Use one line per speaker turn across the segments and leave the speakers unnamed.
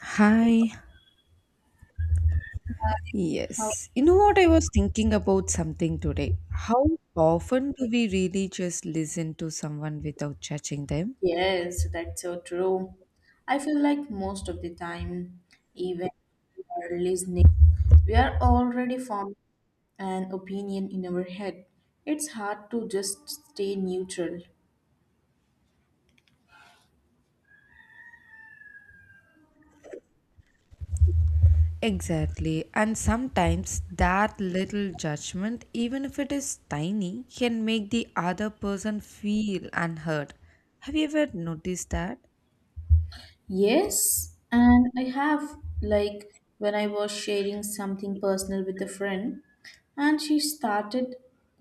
Hi.
Oh,
Yes. You know what? I was thinking about something today. How often do we really just listen to someone without judging them?
yes, that's so true. I feel like most of the time, even we are listening, we are already forming an opinion in our head. It's hard to just stay neutral.
Exactly. And sometimes that little judgment, even if it is tiny, can make the other person feel unheard. Have you ever noticed that?
Yes, and I have, like, when I was sharing something personal with a friend, and she started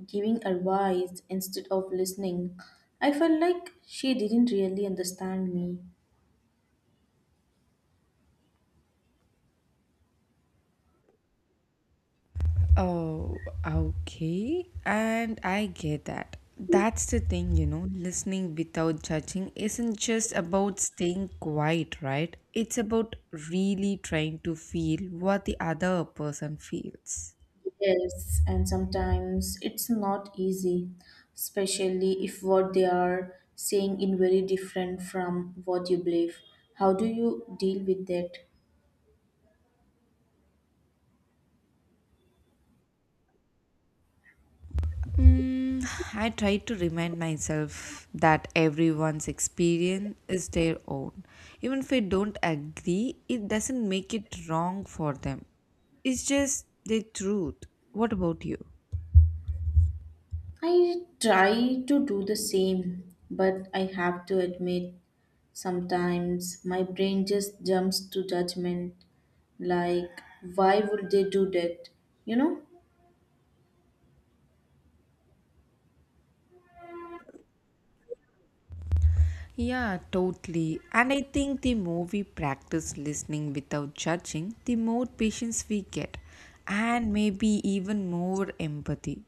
giving advice instead of listening, I felt like she didn't really understand me.
Oh, okay. And I get that. That's the thing, you know, listening without judging isn't just about staying quiet, right? It's about really trying to feel what the other person feels.
Yes, and sometimes it's not easy, especially if what they are saying is very different from what you believe. How do you deal with that?
Mm, I try to remind myself that everyone's experience is their own. Even if I don't agree, it doesn't make it wrong for them. It's just the truth. What about you?
I try to do the same, but I have to admit, sometimes my brain just jumps to judgment, like why would they do that you know
Yeah, totally. And I think the more we practice listening without judging, the more patience we get, and maybe even more empathy.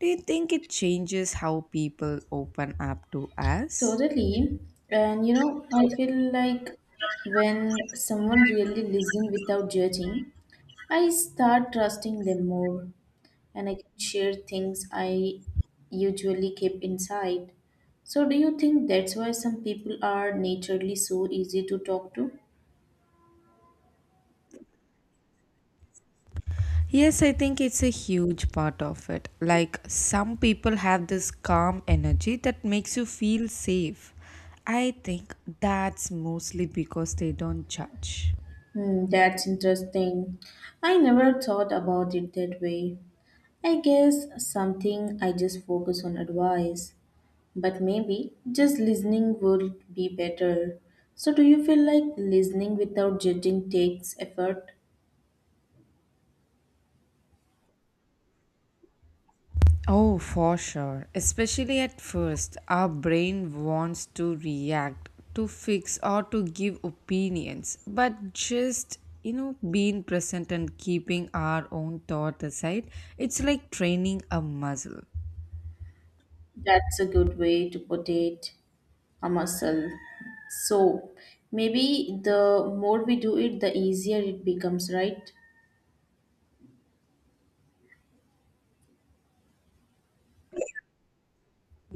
Do you think it changes how people open up to us?
Totally. And you know, I feel like when someone really listens without judging, I start trusting them more and I can share things I usually keep inside. So, do you think that's why some people are naturally so easy to talk to?
Yes, I think it's a huge part of it. Like, some people have this calm energy that makes you feel safe. I think that's mostly because they don't judge.
Hmm, that's interesting. I never thought about it that way. I guess something I just focus on advice. But maybe just listening would be better. So, do you feel like listening without judging takes effort?
Oh, for sure. Especially at first, our brain wants to react, to fix, or to give opinions. But just, you know, being present and keeping our own thought aside, it's like training a muscle.
That's a good way to put it, a muscle. So, maybe the more we do it, the easier it becomes, right?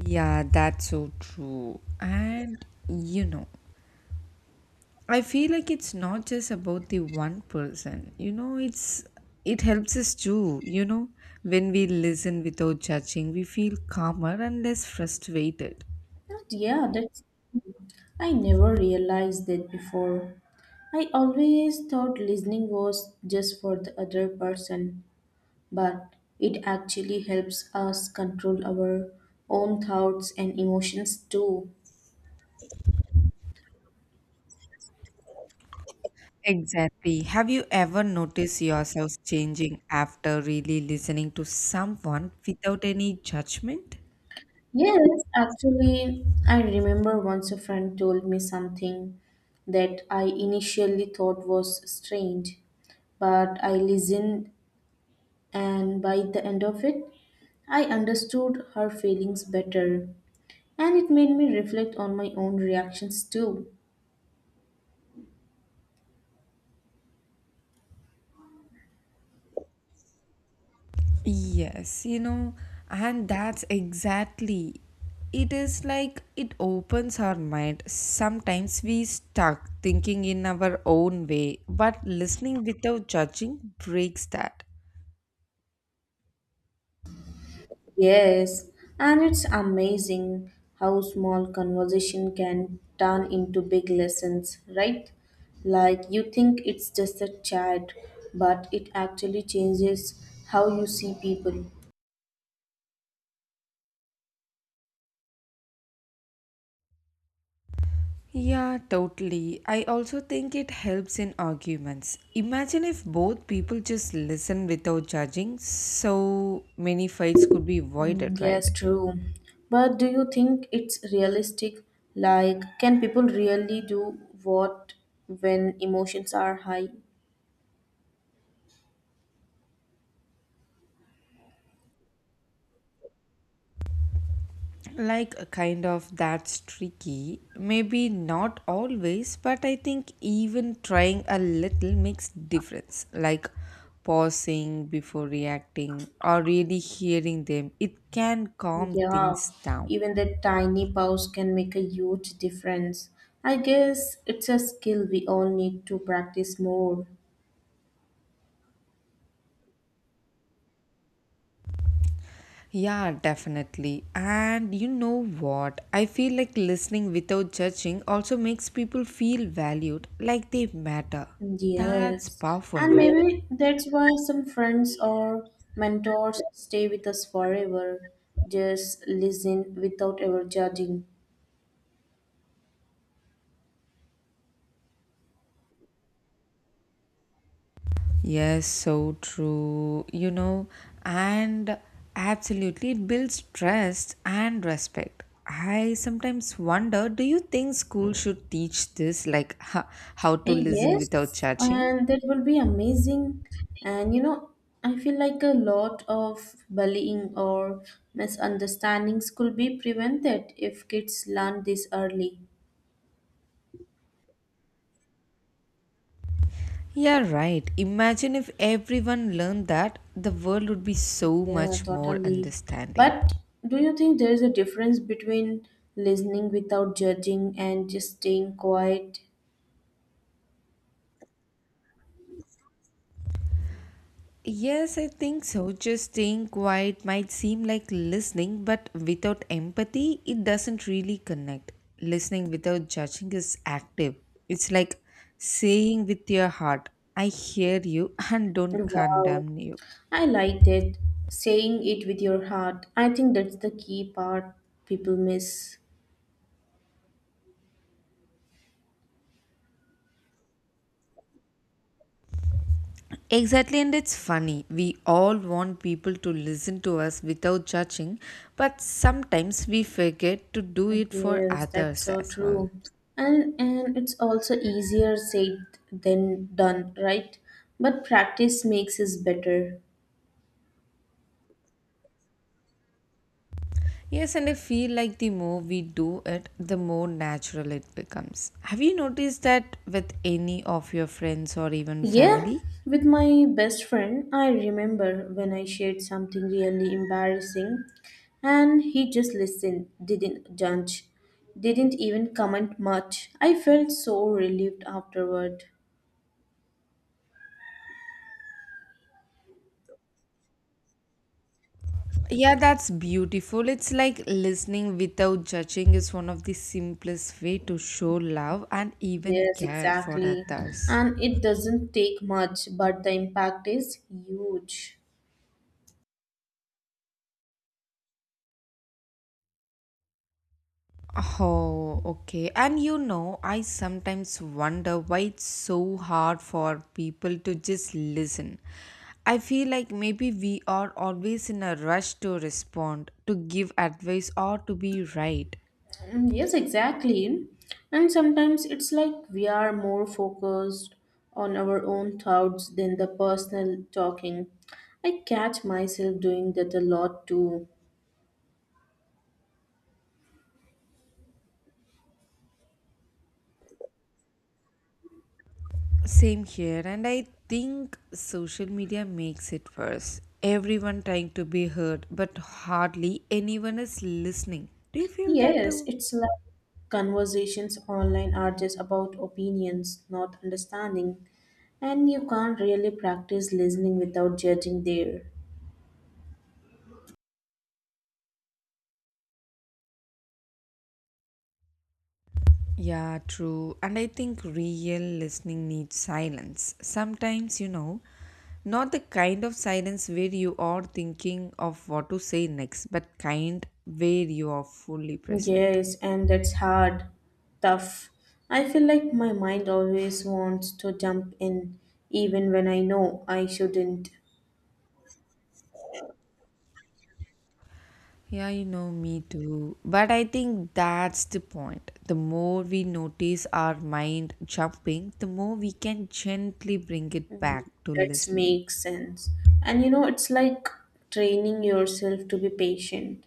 Yeah, that's so true. And, you know, I feel like it's not just about the one person. You know, it helps us too. You know, when we listen without judging, we feel calmer and less frustrated.
Yeah, that's. I never realized that before. I always thought listening was just for the other person, but it actually helps us control our own thoughts and emotions too.
Exactly. Have you ever noticed yourself changing after really listening to someone without any judgment?
Yes, actually, I remember once a friend told me something that I initially thought was strange, but I listened, and by the end of it, I understood her feelings better, and it made me reflect on my own reactions too.
Yes, you know, and that's exactly it is like it opens our mind. Sometimes we stuck thinking in our own way, but listening without judging breaks that.
Yes, and it's amazing how small conversation can turn into big lessons, right? Like you think it's just a chat, but it actually changes how you see people.
Yeah, totally. I also think it helps in arguments. Imagine if both people just listen without judging, so many fights could be avoided,
Mm,
right?
yes, true. But do you think it's realistic? Like, can people really do what when emotions are high?
Like a kind of that's tricky, maybe not always, but I think even trying a little makes difference. Like pausing before reacting or really hearing them, it can calm things
Yeah,
down.
even the tiny pause can make a huge difference. I guess it's a skill we all need to practice more.
Yeah, definitely. And you know what, I feel like listening without judging also makes people feel valued, like they matter. That's
Yes,
powerful,
and
right?
maybe that's why some friends or mentors stay with us forever. Just listen without ever judging.
Yes, so true. You know, and absolutely, it builds trust and respect. I sometimes wonder, do you think school should teach this, like how to listen without
Yes,
judging?
and that will be amazing. And you know, I feel like a lot of bullying or misunderstandings could be prevented if kids learn this early.
Yeah, right. Imagine if everyone learned that, the world would be so
Yeah,
much more
totally.
understanding.
But do you think there is a difference between listening without judging and just staying quiet?
Yes, I think so. Just staying quiet might seem like listening, but without empathy, it doesn't really connect. Listening without judging is active. It's like saying with your heart, I hear you and don't
Wow,
condemn you.
I liked it. Saying it with your heart. I think that's the key part people miss.
Exactly, and it's funny. We all want people to listen to us without judging, but sometimes we forget to do it for
Yes, that's
others
so
as well.
true. And it's also easier said than done, right? But practice makes us better.
Yes, and I feel like the more we do it, the more natural it becomes. Have you noticed that with any of your friends or even
Yeah,
family?
with my best friend, I remember when I shared something really embarrassing and he just listened, didn't judge, didn't even comment much. I felt so relieved afterward.
Yeah, that's beautiful. It's like listening without judging is one of the simplest way to show love and even
Yes,
care for
exactly.
others.
And it doesn't take much, but the impact is huge.
Oh, okay. And you know, I sometimes wonder why it's so hard for people to just listen. I feel like maybe we are always in a rush to respond, to give advice, or to be right.
Mm, yes, exactly. And sometimes it's like we are more focused on our own thoughts than the personal talking. I catch myself doing that a lot too.
Same here, and I think social media makes it worse. Everyone trying to be heard, but hardly anyone is listening. Do you feel that
Yes,
too?
it's like conversations online are just about opinions, not understanding. And you can't really practice listening without judging there.
Yeah, true. And I think real listening needs silence. Sometimes, you know, not the kind of silence where you are thinking of what to say next, but kind where you are fully present.
Yes, and that's hard, tough. I feel like my mind always wants to jump in, even when I know I shouldn't.
Yeah, you know, me too. But I think that's the point. The more we notice our mind jumping, the more we can gently bring it back
Mm,
to
that
listening.
makes sense. And you know, it's like training yourself to be patient.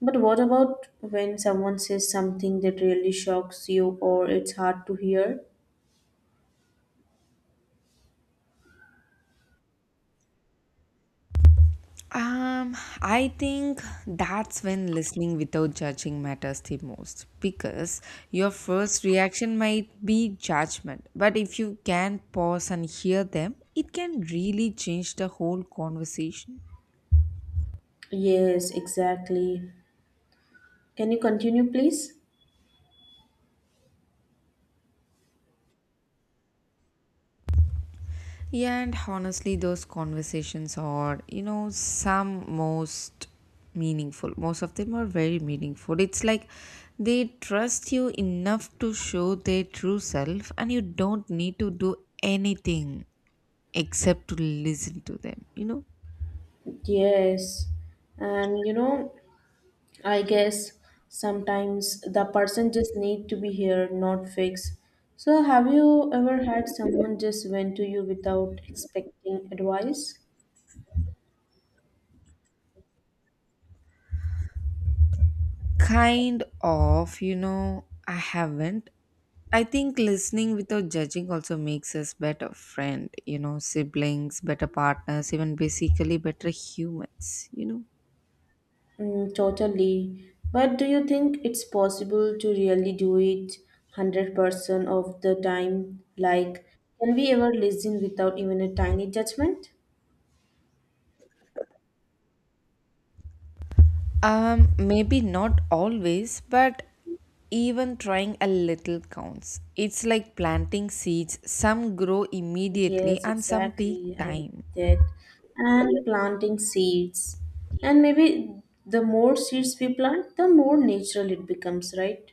But what about when someone says something that really shocks you or it's hard to hear?
Um, I think that's when listening without judging matters the most, because your first reaction might be judgment, but if you can pause and hear them, it can really change the whole conversation.
Yes, exactly. Can you continue, please?
Yeah, and honestly, those conversations are, you know, some most meaningful. Most of them are very meaningful. It's like they trust you enough to show their true self, and you don't need to do anything, except to listen to them, you know.
Yes. And you know, I guess sometimes the person just need to be here, not fixed. So have you ever had someone just went to you without expecting advice?
Kind of, you know, I haven't. I think listening without judging also makes us better friend, you know, siblings, better partners, even basically better humans, you know.
Mm, totally. But do you think it's possible to really do it 100% of the time? Like, can we ever listen without even a tiny judgment?
Maybe not always, but even trying a little counts. It's like planting seeds, some grow immediately
Yes,
and some take
exactly. I like
time.
that. And planting seeds. And maybe the more seeds we plant, the more natural it becomes, right?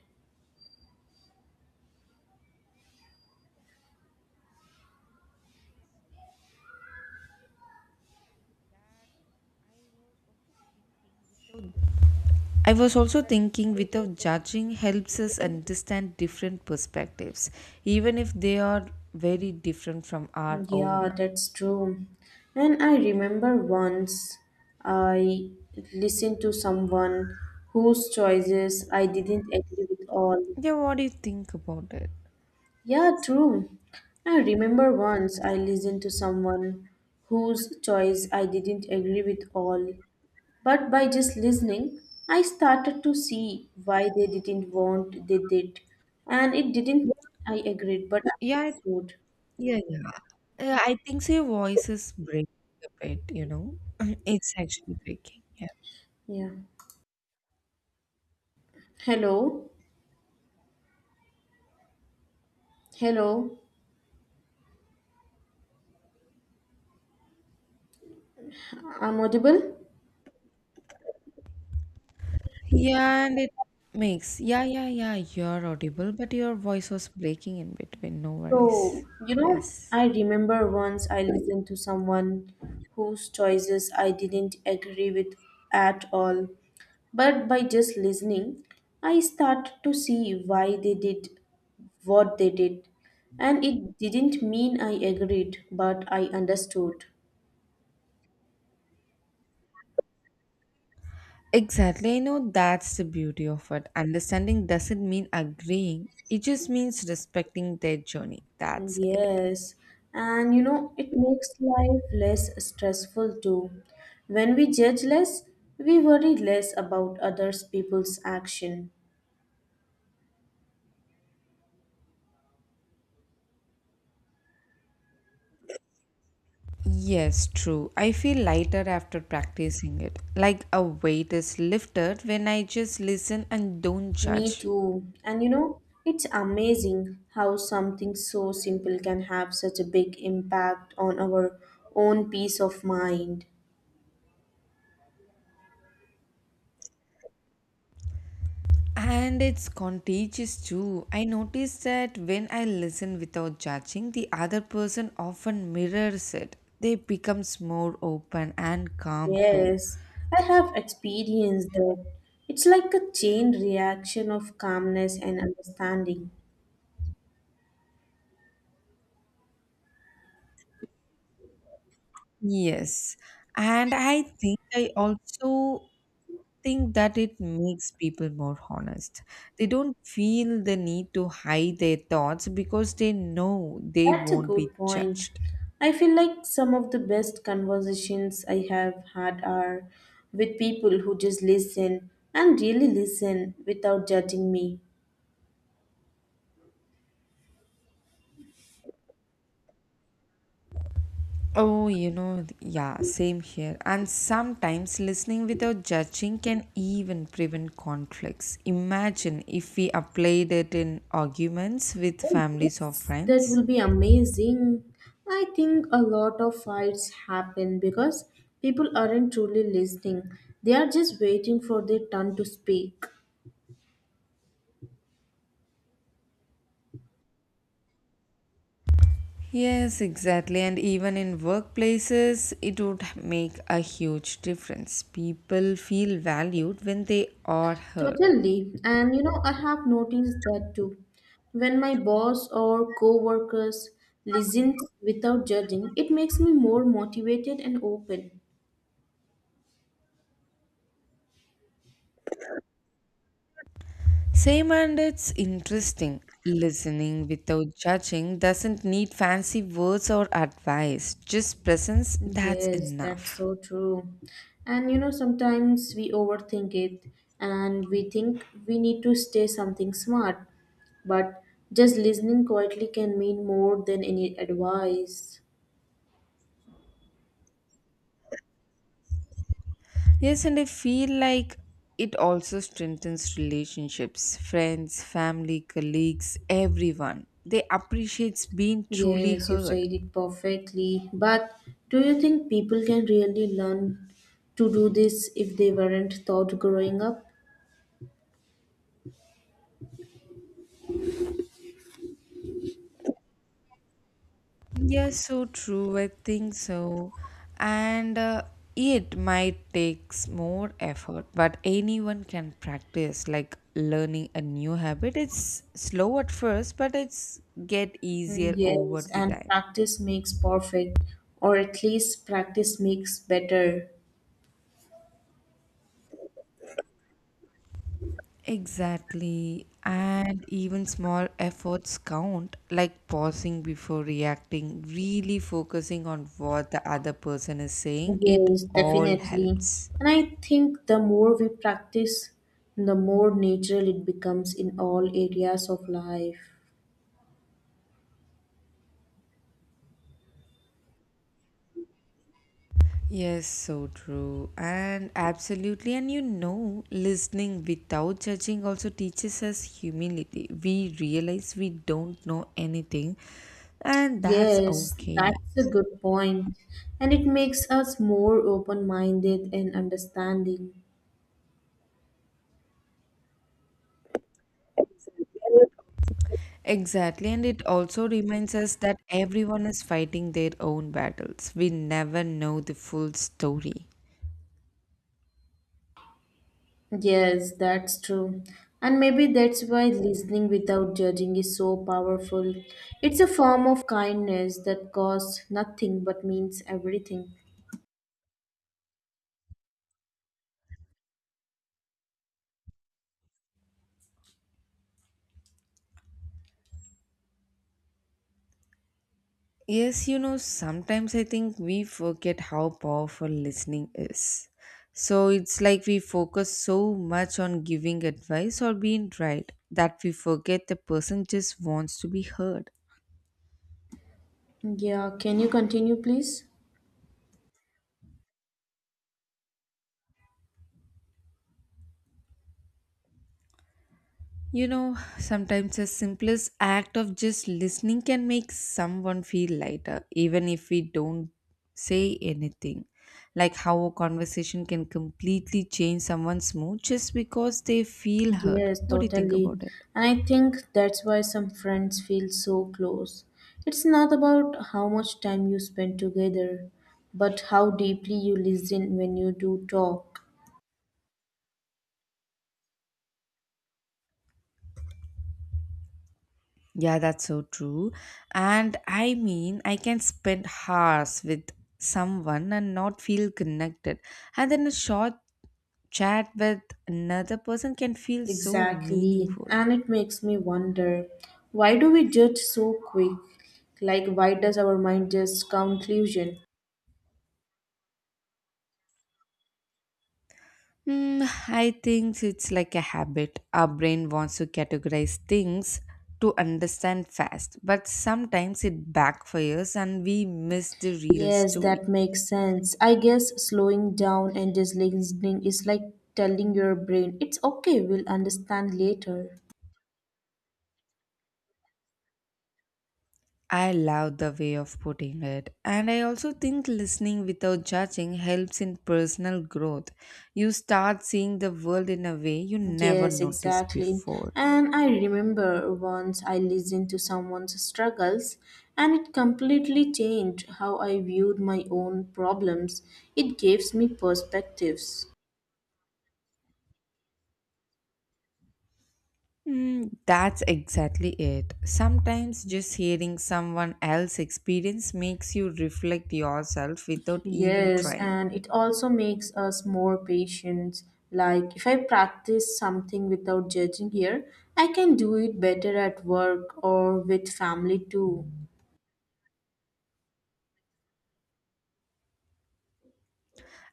I was also thinking without judging helps us understand different perspectives, even if they are very different from our own.
Yeah, that's true. And I remember once I listened to someone whose choices I didn't agree with all.
Yeah, what do you think about it?
Yeah, true. I remember once I listened to someone whose choice I didn't agree with all. But by just listening, I started to see why they didn't want they did. And it didn't I agreed, but I
Yeah, I-
would.
yeah, yeah. I think so, your voice is breaking a bit, you know. It's actually breaking. Yeah.
Yeah. Hello. Hello. I'm audible?
Yeah, and it makes. Yeah, yeah, yeah. You're audible, but your voice was breaking in between. No
So,
worries.
you know,
Yes.
I remember once I listened to someone whose choices I didn't agree with at all. But by just listening, I started to see why they did what they did. And it didn't mean I agreed, but I understood.
Exactly. I know that's the beauty of it. Understanding doesn't mean agreeing, it just means respecting their journey. That's it.
Yes, and you know, it makes life less stressful too. When we judge less, we worry less about others people's action.
Yes, true. I feel lighter after practicing it. Like a weight is lifted when I just listen and don't
Me
judge.
too. And you know, it's amazing how something so simple can have such a big impact on our own peace of mind.
And it's contagious too. I notice that when I listen without judging, the other person often mirrors it. They becomes more open and calm too.
Yes, I have experienced that. It's like a chain reaction of calmness and understanding.
Yes. And I think I also think that it makes people more honest. They don't feel the need to hide their thoughts because they know they
That's a
won't be
good point.
judged.
I feel like some of the best conversations I have had are with people who just listen and really listen without judging me.
Oh, you know, yeah, same here. And sometimes listening without judging can even prevent conflicts. Imagine if we applied it in arguments with
Oh,
families or
yes, that
friends.
will be amazing. I think a lot of fights happen because people aren't truly listening. They are just waiting for their turn to speak.
Yes, exactly. And even in workplaces, it would make a huge difference. People feel valued when they are heard.
Totally. And you know, I have noticed that too. When my boss or co-workers listens without judging, it makes me more motivated and open.
Same, and it's interesting. Listening without judging doesn't need fancy words or advice, just presence, that's
Yes, that's
enough.
so true. And you know, sometimes we overthink it and we think we need to say something smart, but just listening quietly can mean more than any advice.
Yes, and I feel like it also strengthens relationships, friends, family, colleagues, everyone. They appreciate being truly
Yes, you
heard.
said it perfectly. But do you think people can really learn to do this if they weren't taught growing up?
Yes, so true. I think so. And it might takes more effort, but anyone can practice, like learning a new habit. It's slow at first, but it's get
Mm,
easier over
yes,
the
and
time.
practice makes perfect, or at least practice makes better.
Exactly. And even small efforts count, like pausing before reacting, really focusing on what the other person is saying. It
Yes,
all
definitely.
helps.
And I think the more we practice, the more natural it becomes in all areas of life.
Yes, so true. And absolutely. And you know, listening without judging also teaches us humility. We realize we don't know anything, and that's
Yes,
okay.
that's a good point. And it makes us more open minded and understanding.
Exactly. And it also reminds us that everyone is fighting their own battles. We never know the full story.
Yes, that's true. And maybe that's why listening without judging is so powerful. It's a form of kindness that costs nothing but means everything.
Yes, you know, sometimes I think we forget how powerful listening is. So it's like we focus so much on giving advice or being right that we forget the person just wants to be heard.
Yeah, can you continue, please?
You know, sometimes the simplest act of just listening can make someone feel lighter, even if we don't say anything. Like how a conversation can completely change someone's mood just because they feel hurt.
Yes,
What do you think
totally.
about it?
And I think that's why some friends feel so close. It's not about how much time you spend together, but how deeply you listen when you do talk.
Yeah, that's so true. And I mean, I can spend hours with someone and not feel connected. And then a short chat with another person can feel so
Exactly.
meaningful.
And it makes me wonder why do we judge so quick? Like, why does our mind just conclusion?
Hmm, I think it's like a habit. Our brain wants to categorize things to understand fast, but sometimes it backfires and we miss the real
Yes,
story.
that makes sense. I guess slowing down and just listening is like telling your brain, it's okay, we'll understand later.
I love the way of putting it, and I also think listening without judging helps in personal growth. You start seeing the world in a way you never
Yes,
noticed
exactly.
before.
And I remember once I listened to someone's struggles and it completely changed how I viewed my own problems. It gives me perspectives.
Mm, that's exactly it. Sometimes just hearing someone else's experience makes you reflect yourself without even
Yes,
trying.
and it also makes us more patient. Like if I practice something without judging here, I can do it better at work or with family too.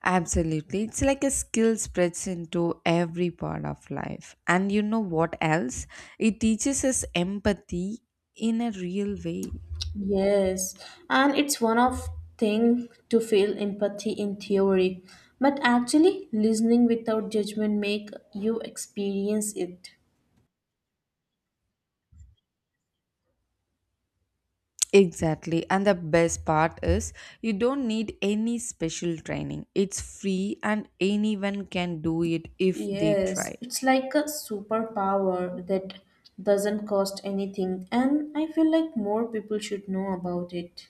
Absolutely. It's like a skill spreads into every part of life. And you know what else? It teaches us empathy in a real way.
Yes, and it's one of thing to feel empathy in theory, but actually listening without judgment make you experience it.
Exactly. And the best part is you don't need any special training. It's free and anyone can do it if they try.
Yes, it's like a superpower that doesn't cost anything, and I feel like more people should know about it.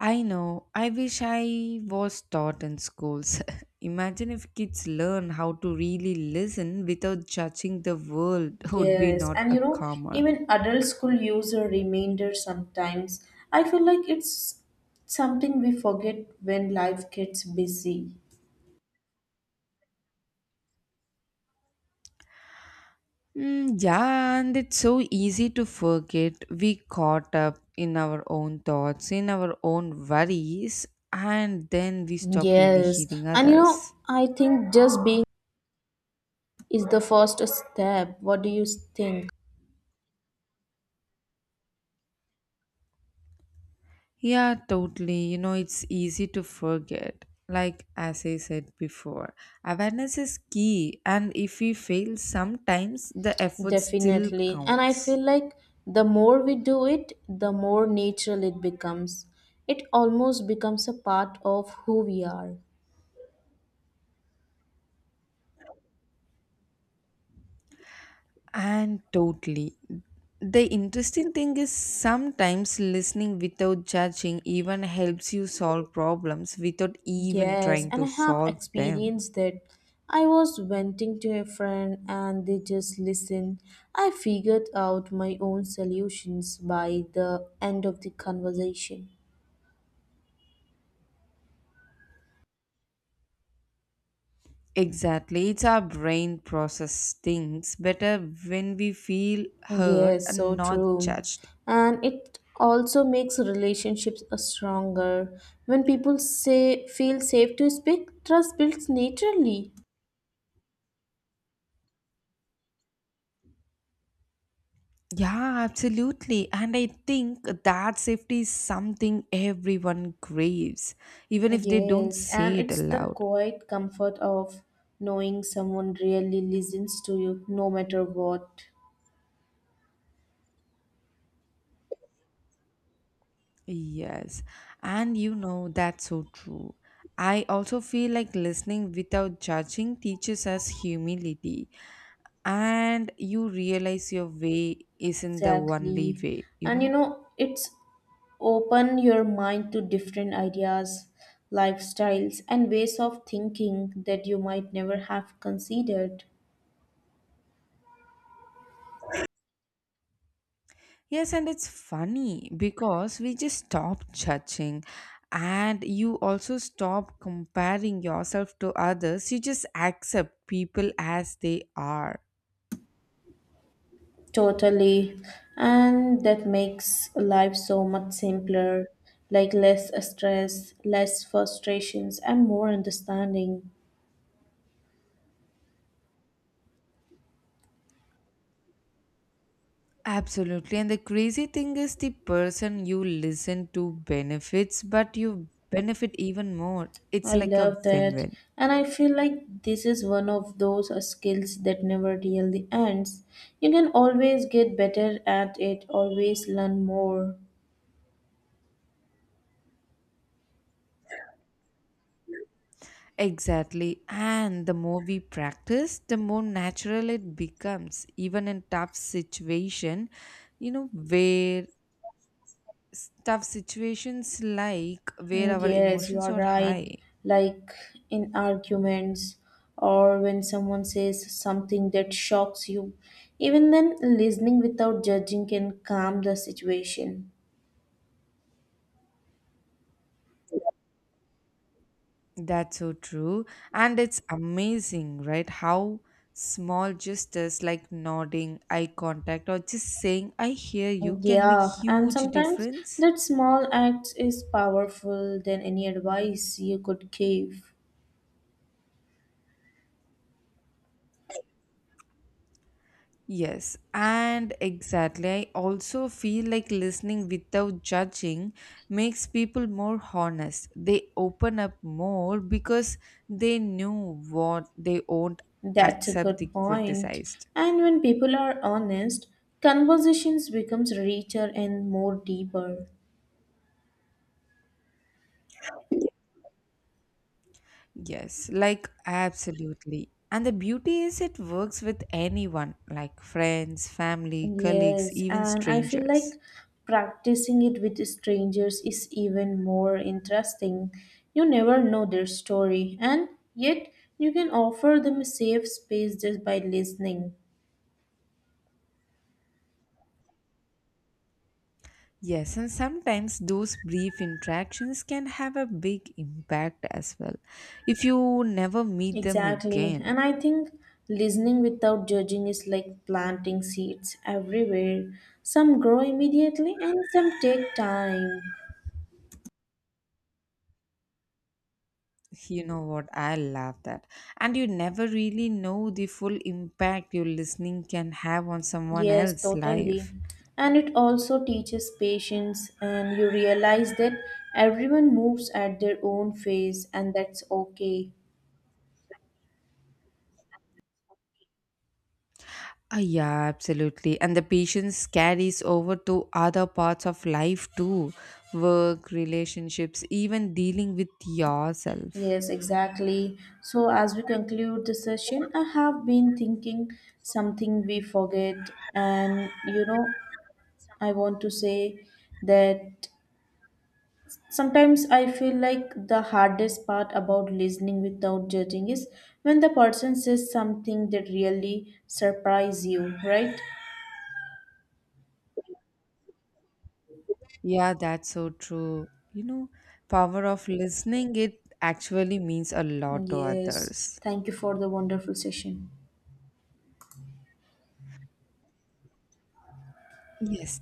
I know. I wish I was taught in schools. Imagine if kids learn how to really listen without judging, the world would be
Yes,
not
and
a
you know,
calmer.
even adults could use a reminder sometimes. I feel like it's something we forget when life gets busy.
Mm, yeah, and it's so easy to forget, we caught up in our own thoughts, in our own worries, and then we stop really
Yes,
hearing
and you know,
others.
I think just being is the first step. What do you think?
Yeah, totally. You know, it's easy to forget. Like, as I said before, awareness is key, and if we fail sometimes, the effort still
Definitely. And I feel
counts.
like the more we do it, the more natural it becomes. It almost becomes a part of who we are.
And totally. The interesting thing is sometimes listening without judging even helps you solve problems without even
Yes,
trying
and
to
I have
solve them.
experienced that. I was venting to a friend and they just listened. I figured out my own solutions by the end of the conversation.
Exactly. It's our brain process things better when we feel heard
Yes,
and
so
not
true.
judged.
And it also makes relationships a stronger. When people say feel safe to speak, trust builds naturally.
Yeah, absolutely. And I think that safety is something everyone craves, even if they don't
Yes, and
say it
it's the
aloud.
quiet comfort of knowing someone really listens to you no matter what.
Yes, and you know that's so true. I also feel like listening without judging teaches us humility, and you realize your way isn't the only
Exactly.
way, you
And you
know.
know, it's open your mind to different ideas, lifestyles, and ways of thinking that you might never have considered.
Yes, and it's funny because we just stop judging, and you also stop comparing yourself to others. You just accept people as they are.
Totally. And that makes life so much simpler, like less stress, less frustrations, and more understanding.
Absolutely. And the crazy thing is the person you listen to benefits, but you benefit even more. It's
I
like a
love
win
that.
win.
And I feel like this is one of those skills that never really ends. You can always get better at it, always learn more.
Exactly. And the more we practice, the more natural it becomes, even in tough situation, you know, where tough situations like where
Mm,
our
yes, you
emotions
are
are
right.
high.
Like in arguments or when someone says something that shocks you, even then, listening without judging can calm the situation.
That's so true. And it's amazing, right? How small gestures like nodding, eye contact, or just saying, I hear you, can make
Yeah, and
huge
sometimes
difference.
that small act is powerful than any advice you could give.
Yes, and exactly. I also feel like listening without judging makes people more honest. They open up more because they knew what they won't
That's a
accept
good
the
point.
criticized.
And when people are honest, conversations becomes richer and more deeper.
Yes, like absolutely. And the beauty is it works with anyone, like friends, family, colleagues,
Yes,
even
and I feel
strangers.
like practicing it with strangers is even more interesting. You never know their story, and yet you can offer them a safe space just by listening.
Yes, and sometimes those brief interactions can have a big impact as well. If you never meet them
Exactly,
again,
and I think listening without judging is like planting seeds everywhere. Some grow immediately, and some take time.
you know what, I love that. And you never really know the full impact your listening can have on someone
Yes,
else's
totally.
life.
And it also teaches patience, and you realize that everyone moves at their own pace, and that's okay.
Ah, yeah, absolutely. And the patience carries over to other parts of life too, work, relationships, even dealing with yourself.
Yes, exactly. So, as we conclude the session, I have been thinking something we forget, and you know, I want to say that sometimes I feel like the hardest part about listening without judging is when the person says something that really surprise you, right?
Yeah, that's so true. You know, power of listening, it actually means a lot to
Yes,
others.
thank you for the wonderful session.
Yes,